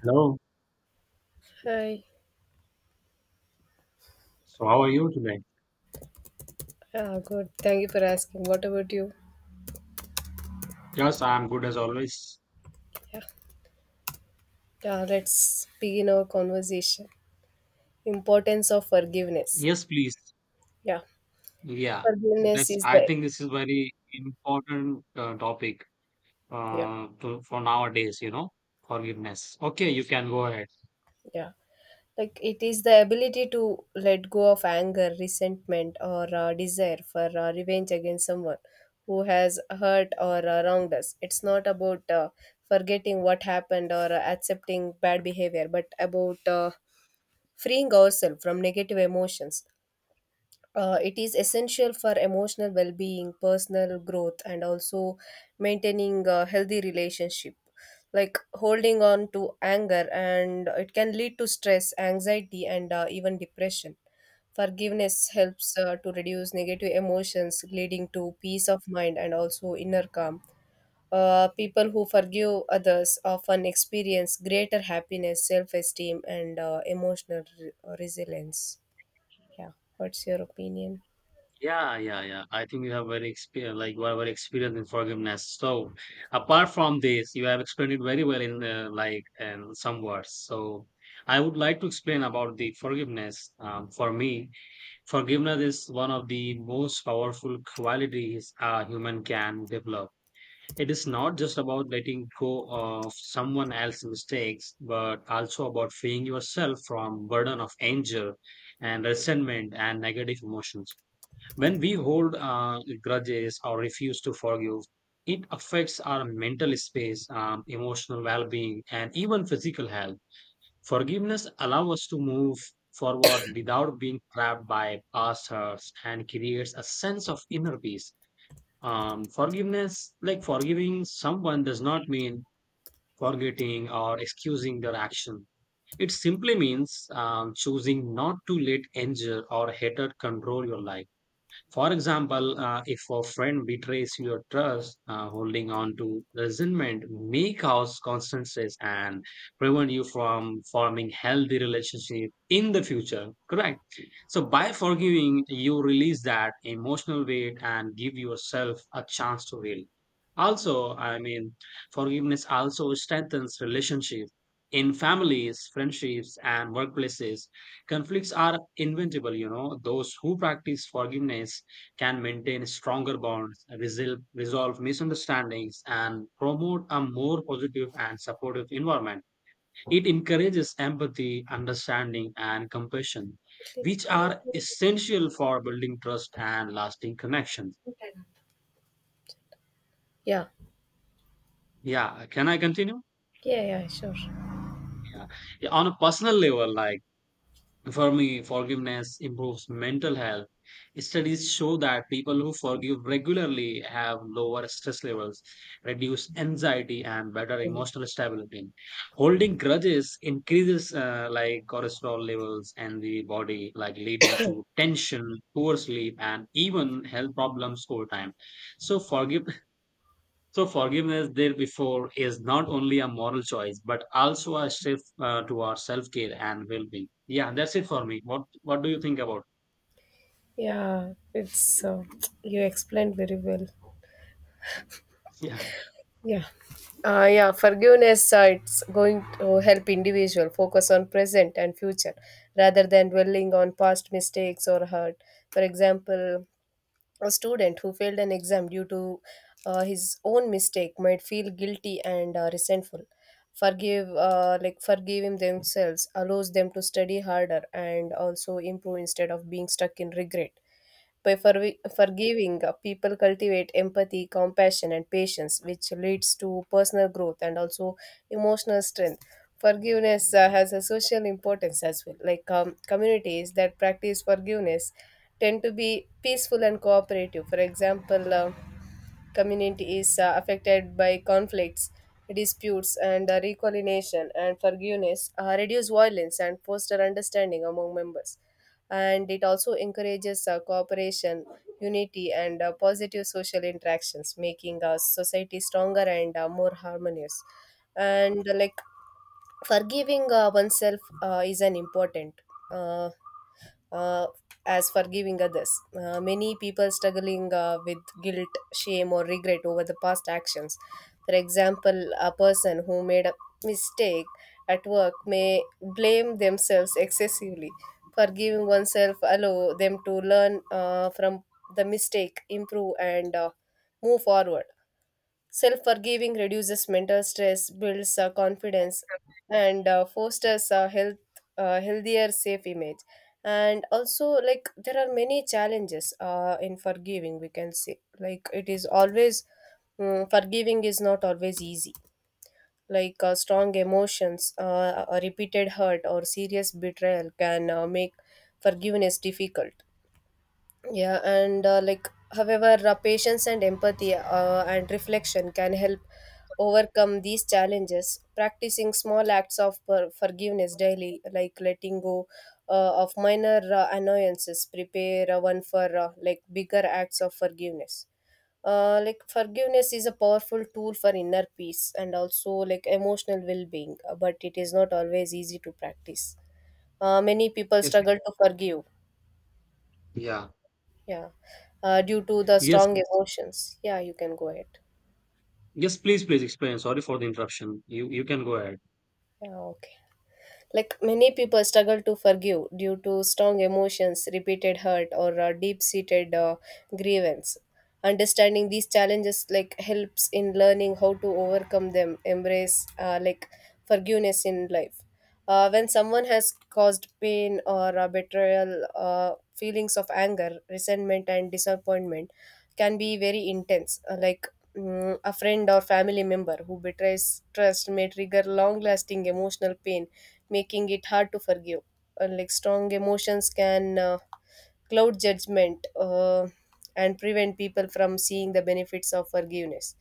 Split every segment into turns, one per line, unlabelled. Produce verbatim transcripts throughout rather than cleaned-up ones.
Hello.
Hi.
So how are you today?
Yeah, good. Thank you for asking. What about you?
Yes, I'm good as always.
Yeah. Yeah, let's begin our conversation. Importance of forgiveness.
Yes, please.
Yeah.
Yeah.
Forgiveness
This
is
I
the
think this is very important uh, topic
yeah,
uh, to, for nowadays, you know, forgiveness. Okay, you can go ahead.
yeah. Like it is the ability to let go of anger, resentment, or uh, desire for uh, revenge against someone who has hurt or uh, wronged us. It's not about uh, forgetting what happened or uh, accepting bad behavior, but about uh, freeing ourselves from negative emotions. Uh, it is essential for emotional well-being, personal growth, and also maintaining a healthy relationship. Like holding on to anger, and it can lead to stress, anxiety, and uh, even depression. Forgiveness helps uh, to reduce negative emotions, leading to peace of mind and also inner calm. Uh, people who forgive others often experience greater happiness, self-esteem, and uh, emotional re- resilience. Yeah. What's your opinion?
Yeah, yeah, yeah. I think you have very experience, like you have very experience in forgiveness. So apart from this, you have explained it very well in uh, like and some words. So I would like to explain about the forgiveness um, for me. Forgiveness is one of the most powerful qualities a human can develop. It is not just about letting go of someone else's mistakes, but also about freeing yourself from burden of anger and resentment and negative emotions. When we hold uh, grudges or refuse to forgive, it affects our mental space, um, emotional well-being, and even physical health. Forgiveness allows us to move forward without being trapped by past hurts and creates a sense of inner peace. Um, forgiveness, like forgiving someone, does not mean forgetting or excusing their action. It simply means um, choosing not to let anger or hatred control your life. For example, uh, if a friend betrays your trust, uh, holding on to resentment may cause constant stress and prevent you from forming healthy relationship in the future. Correct. So by forgiving, you release that emotional weight and give yourself a chance to heal. Also, I mean, forgiveness also strengthens relationship in families, friendships, and workplaces. Conflicts are inevitable, you know. Those who practice forgiveness can maintain stronger bonds, resolve, resolve misunderstandings, and promote a more positive and supportive environment. It encourages empathy, understanding, and compassion,
Click
which
connect
are
to the
essential for building trust and lasting connections.
yeah.
Yeah, can I continue?
Yeah, yeah, sure.
Yeah. On a personal level, like for me, forgiveness improves mental health. Studies show that people who forgive regularly have lower stress levels, reduce anxiety, and better
Mm.
emotional stability. Holding grudges increases uh, like cholesterol levels in the body, like leading to tension, poor sleep, and even health problems over time. So forgiveness so forgiveness there before is not only a moral choice, but also a shift uh, towards self-care and well-being. Yeah, that's it for me. What What do you think about?
Yeah, it's uh, you explained very well.
Yeah.
Yeah. Uh, yeah, forgiveness, uh, it's going to help individual focus on present and future rather than dwelling on past mistakes or hurt. For example, a student who failed an exam due to uh, his own mistake might feel guilty and uh, resentful. Forgive, uh, like Forgiving themselves allows them to study harder and also improve instead of being stuck in regret. By forwi- forgiving, uh, people cultivate empathy, compassion, and patience, which leads to personal growth and also emotional strength. Forgiveness uh, has a social importance as well. Like um, communities that practice forgiveness tend to be peaceful and cooperative. For example, um community is uh, affected by conflicts, disputes, and uh, reconciliation, and forgiveness, uh, reduce violence and foster understanding among members. And it also encourages uh, cooperation, unity, and uh, positive social interactions, making our society stronger and uh, more harmonious. And uh, like forgiving uh, oneself uh, is an important. Uh, uh, as forgiving others. Uh, many people struggling uh, with guilt, shame, or regret over the past actions. For example, a person who made a mistake at work may blame themselves excessively. Forgiving oneself allow them to learn uh, from the mistake, improve, and uh, move forward. Self forgiving reduces mental stress, builds uh, confidence, and uh, fosters a health, uh, healthier, safe image. And also, like, there are many challenges uh, in forgiving, we can say. Like, it is always, mm, forgiving is not always easy. Like, uh, strong emotions, uh, a repeated hurt, or serious betrayal can uh, make forgiveness difficult. Yeah, and uh, like, however, uh, patience and empathy uh, and reflection can help overcome these challenges. Practicing small acts of per- forgiveness daily, like letting go uh, of minor uh, annoyances, prepare uh, one for uh, like bigger acts of forgiveness. Uh, like forgiveness is a powerful tool for inner peace and also like emotional well-being, uh, but it is not always easy to practice. Uh, many people
Yes.
struggle to forgive.
Yeah.
Yeah, uh, due to the
Yes.
strong
Yes,
emotions. Yeah, you can go ahead.
Yes, please, please explain. Sorry for the interruption. You you can go ahead.
Yeah, okay. Like many people struggle to forgive due to strong emotions, repeated hurt, or uh, deep-seated uh, grievance. Understanding these challenges like helps in learning how to overcome them, embrace uh, like forgiveness in life. Uh, when someone has caused pain or uh, betrayal, uh, feelings of anger, resentment, and disappointment can be very intense. Uh, like mm, a friend or family member who betrays trust may trigger long lasting emotional pain, making it hard to forgive. Uh, like strong emotions can uh, cloud judgment uh, and prevent people from seeing the benefits of forgiveness.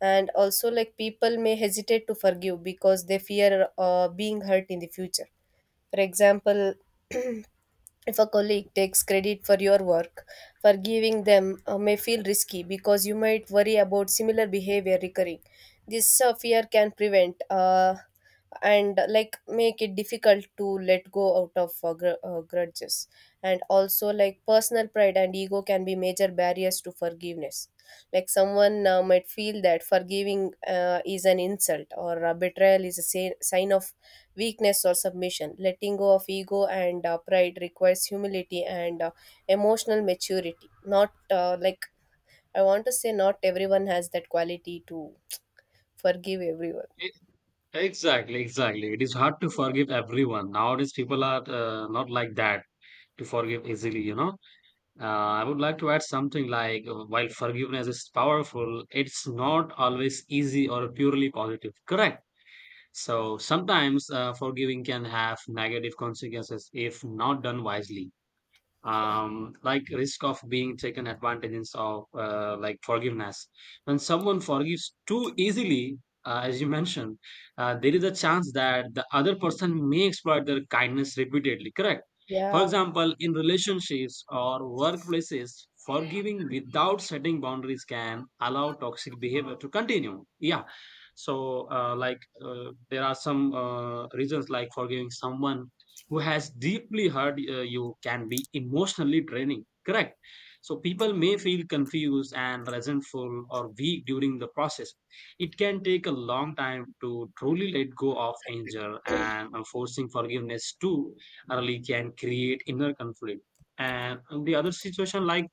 And also, like people may hesitate to forgive because they fear uh, being hurt in the future. For example, if a colleague takes credit for your work, forgiving them uh, may feel risky because you might worry about similar behavior recurring. This uh, fear can prevent uh, and uh, like make it difficult to let go out of uh, gr- uh, grudges. And also, like personal pride and ego can be major barriers to forgiveness. Like someone uh, might feel that forgiving uh, is an insult or uh, betrayal is a sa- sign of weakness or submission. Letting go of ego and uh, pride requires humility and uh, emotional maturity. Not uh, like I want to say, not everyone has that quality to forgive everyone.
E- Exactly, exactly. It is hard to forgive everyone. Nowadays, people are uh, not like that to forgive easily, you know. Uh, I would like to add something like uh, while forgiveness is powerful, it's not always easy or purely positive. Correct. So sometimes uh, forgiving can have negative consequences if not done wisely, um, like risk of being taken advantages of, uh, like forgiveness when someone forgives too easily, uh, as you mentioned, uh, there is a chance that the other person may exploit their kindness repeatedly. Correct. For
Yeah,
example, in relationships or workplaces, forgiving without setting boundaries can allow toxic behavior to continue. Yeah. So, uh, like, uh, there are some uh, reasons like forgiving someone who has deeply hurt uh, you can be emotionally draining. Correct. So people may feel confused and resentful or weak during the process. It can take a long time to truly let go of anger, and uh, forcing forgiveness too early can create inner conflict. And on the other situation, like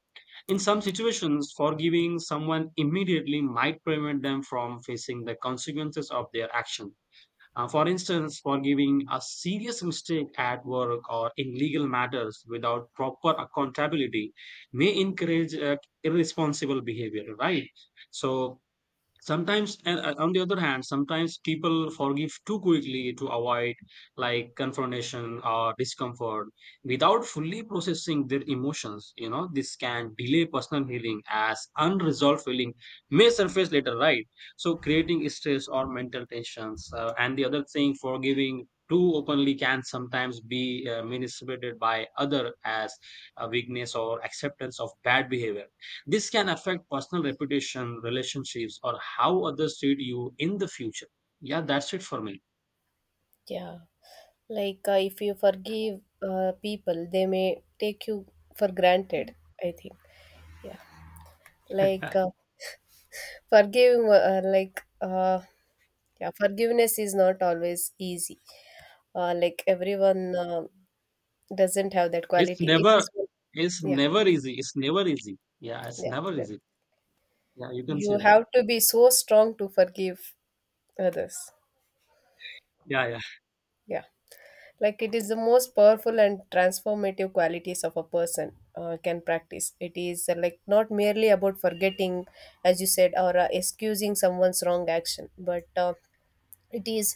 in some situations forgiving someone immediately might prevent them from facing the consequences of their action. Uh, for instance, for giving a serious mistake at work or in legal matters without proper accountability may encourage uh, irresponsible behavior, right? So, sometimes, and uh, on the other hand, sometimes people forgive too quickly to avoid like confrontation or discomfort without fully processing their emotions, you know. This can delay personal healing as unresolved feeling may surface later, right? So creating stress or mental tensions. Uh, and the other thing, forgiving too openly can sometimes be uh, misinterpreted by other as a weakness or acceptance of bad behavior. This can affect personal reputation, relationships, or how others treat you in the future. Yeah, that's it for me.
yeah. Like uh, if you forgive uh, people, they may take you for granted. I think. Yeah. Like uh, forgiving, uh, like uh, yeah, forgiveness is not always easy. Uh, like everyone. Uh, doesn't have that
It's
quality. It
never,
is,
it's
yeah,
never easy. It's never easy. Yeah, it's
yeah,
never
yeah.
easy. Yeah, you can say
You
that.
have to be so strong to forgive others.
Yeah, yeah.
Yeah, like it is the most powerful and transformative qualities of a person uh, can practice. It is uh, like not merely about forgetting, as you said, or uh, excusing someone's wrong action, but uh, it is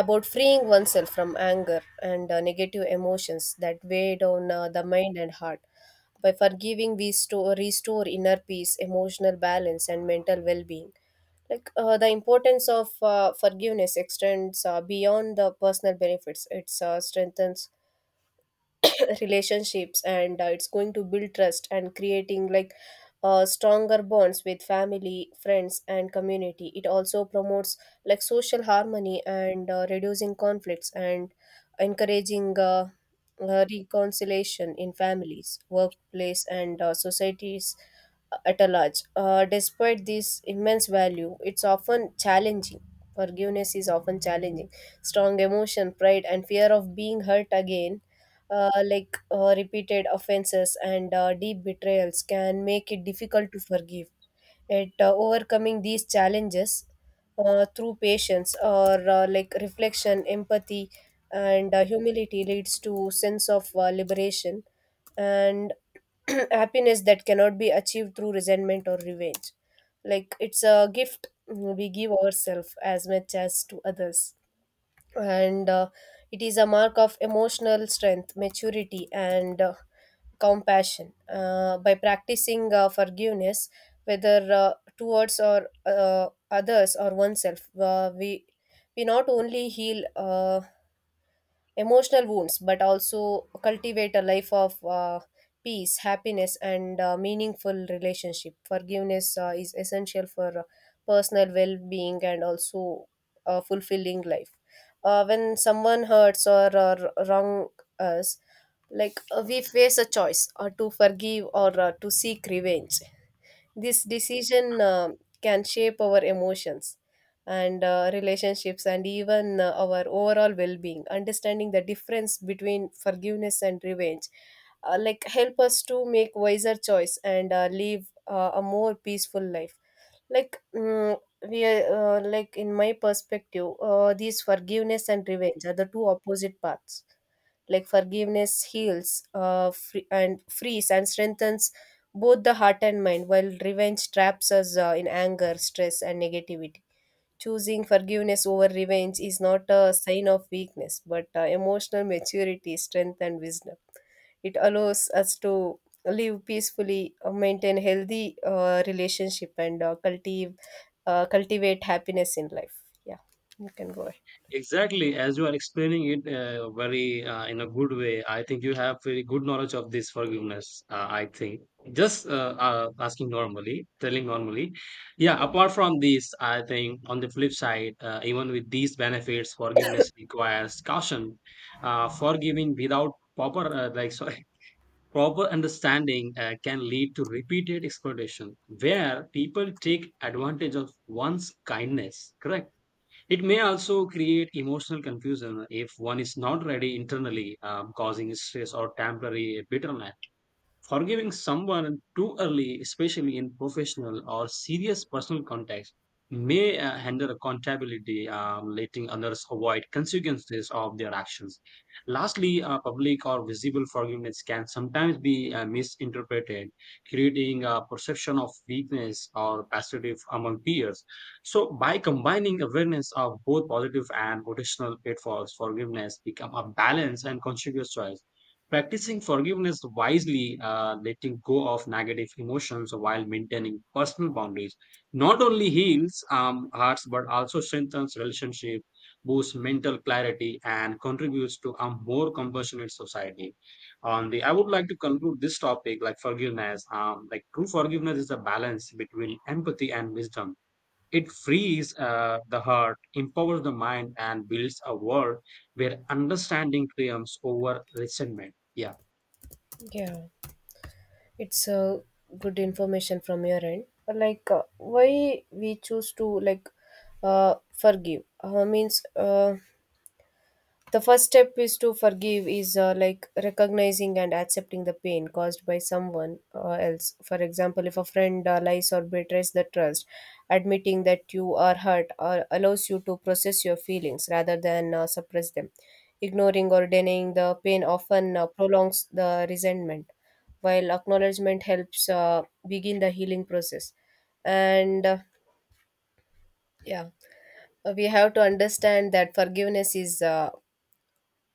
about freeing oneself from anger and uh, negative emotions that weigh down uh, the mind and heart. By forgiving, we store, restore inner peace, emotional balance, and mental well being. Like uh, the importance of uh, forgiveness extends uh, beyond the personal benefits. It uh, strengthens relationships, and uh, it's going to build trust and creating like uh, stronger bonds with family, friends, and community. It also promotes like social harmony and uh, reducing conflicts and encouraging uh, uh, reconciliation in families, workplace, and uh, societies uh, at a large. uh, despite this immense value, it's often challenging forgiveness is often challenging. Strong emotion, pride, and fear of being hurt again, uh, like uh, repeated offenses and uh, deep betrayals can make it difficult to forgive. At uh, overcoming these challenges uh, through patience or uh, like reflection, empathy, and uh, humility leads to sense of uh, liberation and happiness that cannot be achieved through resentment or revenge. Like it's a gift we give ourselves as much as to others, and uh, it is a mark of emotional strength, maturity, and uh, compassion. Uh, by practicing uh, forgiveness, whether uh, towards or uh, others or oneself, uh, we we not only heal uh, emotional wounds, but also cultivate a life of uh, peace, happiness, and uh, meaningful relationship. Forgiveness uh, is essential for uh, personal well being and also a fulfilling life. Uh, when someone hurts or, or wrong us, like uh, we face a choice or to forgive or uh, to seek revenge. This decision um can shape our emotions and uh, relationships and even uh, our overall well-being. Understanding the difference between forgiveness and revenge, uh, like help us to make wiser choice and uh, live uh, a more peaceful life. Like mm, we are, uh, like In my perspective, uh, these forgiveness and revenge are the two opposite paths. Like forgiveness heals uh, free- and frees and strengthens both the heart and mind, while revenge traps us uh, in anger, stress, and negativity. Choosing forgiveness over revenge is not a sign of weakness, but uh, emotional maturity, strength, and wisdom. It allows us to live peacefully, uh, maintain healthy uh, relationship, and uh, cultivate uh, cultivate happiness in life. Yeah, you can go ahead.
Exactly, as you are explaining it uh, very uh, in a good way, I think you have very good knowledge of this forgiveness. Uh, I think just uh, uh, asking normally, telling normally. Yeah, apart from this, I think on the flip side, uh, even with these benefits, forgiveness requires caution. Uh, forgiving without proper, uh, like sorry, proper understanding uh, can lead to repeated exploitation, where people take advantage of one's kindness. Correct. It may also create emotional confusion if one is not ready internally, um, causing stress or temporary bitterness. Forgiving someone too early, especially in professional or serious personal context, may uh, hinder accountability, um, letting others avoid consequences of their actions. Lastly, uh, public or visible forgiveness can sometimes be uh, misinterpreted, creating a perception of weakness or passivity among peers. So, by combining awareness of both positive and potential pitfalls, forgiveness become a balanced and conscious choice. Practicing forgiveness wisely, uh, letting go of negative emotions while maintaining personal boundaries, not only heals um, hearts but also strengthens relationship, boosts mental clarity, and contributes to a more compassionate society. On the, I would like to conclude this topic like forgiveness. Um, like true forgiveness is a balance between empathy and wisdom. It frees uh, the heart, empowers the mind, and builds a world where understanding triumphs over resentment. Yeah.
Yeah, it's uh, good information from your end. Like uh, why we choose to like uh, forgive uh, means. Uh, the first step is to forgive is uh, like recognizing and accepting the pain caused by someone uh, else. For example, if a friend uh, lies or betrays the trust, admitting that you are hurt uh, allows you to process your feelings rather than uh, suppress them. Ignoring or denying the pain often uh, prolongs the resentment, while acknowledgement helps uh, begin the healing process. And uh, yeah, uh, we have to understand that forgiveness is uh,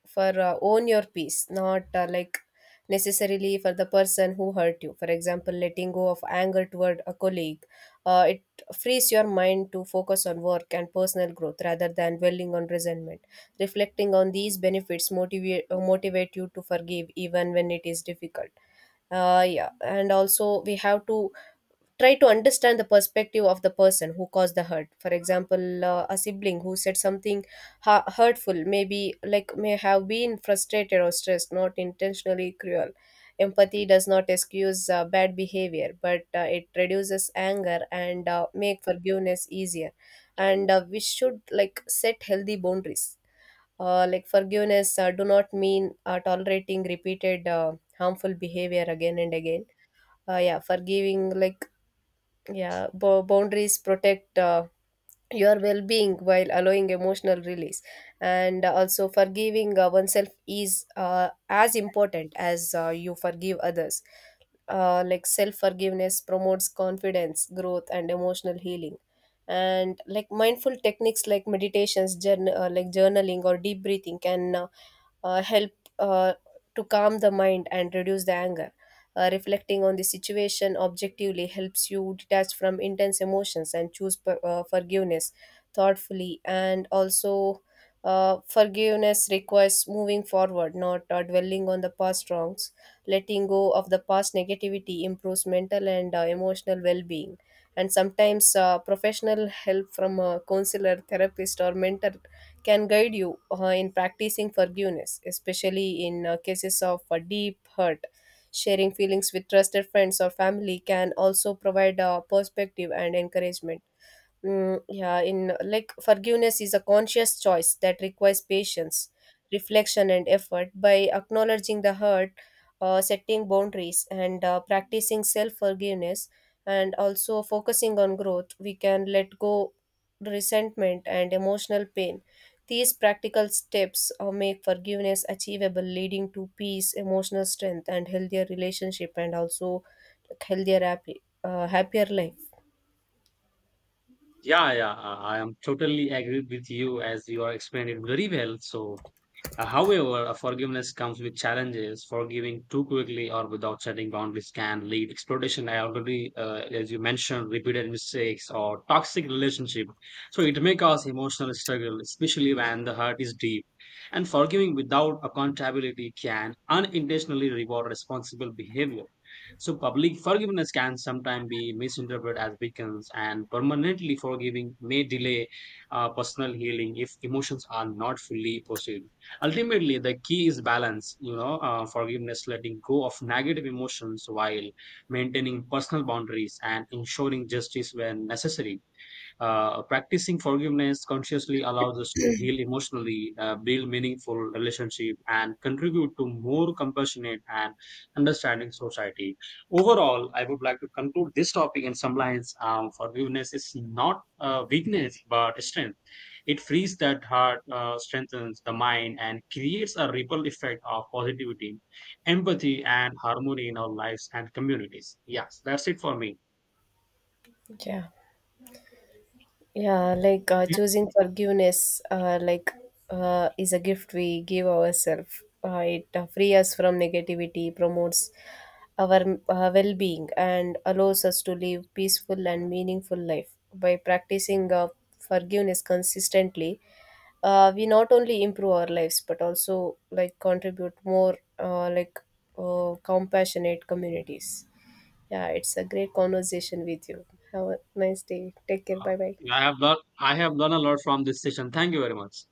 for uh, own your peace, not uh, like necessarily for the person who hurt you. For example, letting go of anger toward a colleague, uh, it frees your mind to focus on work and personal growth rather than dwelling on resentment. Reflecting on these benefits motivate uh, motivate you to forgive even when it is difficult. uh, yeah, and also we have to try to understand the perspective of the person who caused the hurt. For example, uh, a sibling who said something ha- hurtful maybe like may have been frustrated or stressed, not intentionally cruel. Empathy does not excuse uh, bad behavior, but uh, it reduces anger and uh, make forgiveness easier. And uh, we should like set healthy boundaries. uh, like forgiveness uh, do not mean uh, tolerating repeated uh, harmful behavior again and again. Uh, yeah, forgiving like yeah, bo- boundaries protect uh, your well-being while allowing emotional release. And also, forgiving uh, oneself is uh, as important as uh, you forgive others. uh, like self forgiveness promotes confidence, growth, and emotional healing. And like mindful techniques like meditations, journal, uh, like journaling or deep breathing can uh, uh, help uh, to calm the mind and reduce the anger. uh, reflecting on the situation objectively helps you detach from intense emotions and choose per, uh, forgiveness thoughtfully. And also uh, forgiveness requires moving forward, not uh, dwelling on the past wrongs. Letting go of the past negativity improves mental and uh, emotional well-being. And sometimes uh, professional help from a counselor, therapist, or mentor can guide you uh, in practicing forgiveness, especially in uh, cases of uh, deep hurt. Sharing feelings with trusted friends or family can also provide a perspective and encouragement. Mm, yeah, in like forgiveness is a conscious choice that requires patience, reflection, and effort. By acknowledging the hurt, uh, setting boundaries, and uh, practicing self forgiveness, and also focusing on growth, we can let go resentment and emotional pain. These practical steps uh, make forgiveness achievable, leading to peace, emotional strength, and healthier relationship, and also like, healthier, happy, uh, happier life.
Yeah, yeah, I I am totally agreed with you as you are explained it very well. So, Uh, however, a forgiveness comes with challenges. Forgiving too quickly or without setting boundaries can lead exploitation. I already, uh, as you mentioned, repeated mistakes or toxic relationship. So it may cause emotional struggle, especially when the hurt is deep. And forgiving without accountability can unintentionally reward responsible behavior. So public forgiveness can sometimes be misinterpreted as weakness, and permanently forgiving may delay uh, personal healing if emotions are not fully processed. Ultimately the key is balance, you know. Uh, forgiveness, letting go of negative emotions while maintaining personal boundaries and ensuring justice when necessary. Uh, practicing forgiveness consciously allows us to heal emotionally, uh, build meaningful relationship, and contribute to more compassionate and understanding society. Overall, I would like to conclude this topic in some lines. Um, forgiveness is not uh, weakness but strength. It frees that heart, uh, strengthens the mind, and creates a ripple effect of positivity, empathy, and harmony in our lives and communities. Yes, that's it for me.
Yeah. Yeah, like uh, choosing forgiveness, uh, like uh, is a gift we give ourselves. Uh, it uh, frees us from negativity, promotes our uh, well-being, and allows us to live peaceful and meaningful life. By practicing uh, forgiveness consistently, uh, we not only improve our lives but also like contribute more uh, like uh, compassionate communities. Yeah, it's a great conversation with you. Have a nice day. Take care.
Uh,
Bye bye.
I have learned I have learned a lot from this session. Thank you very much.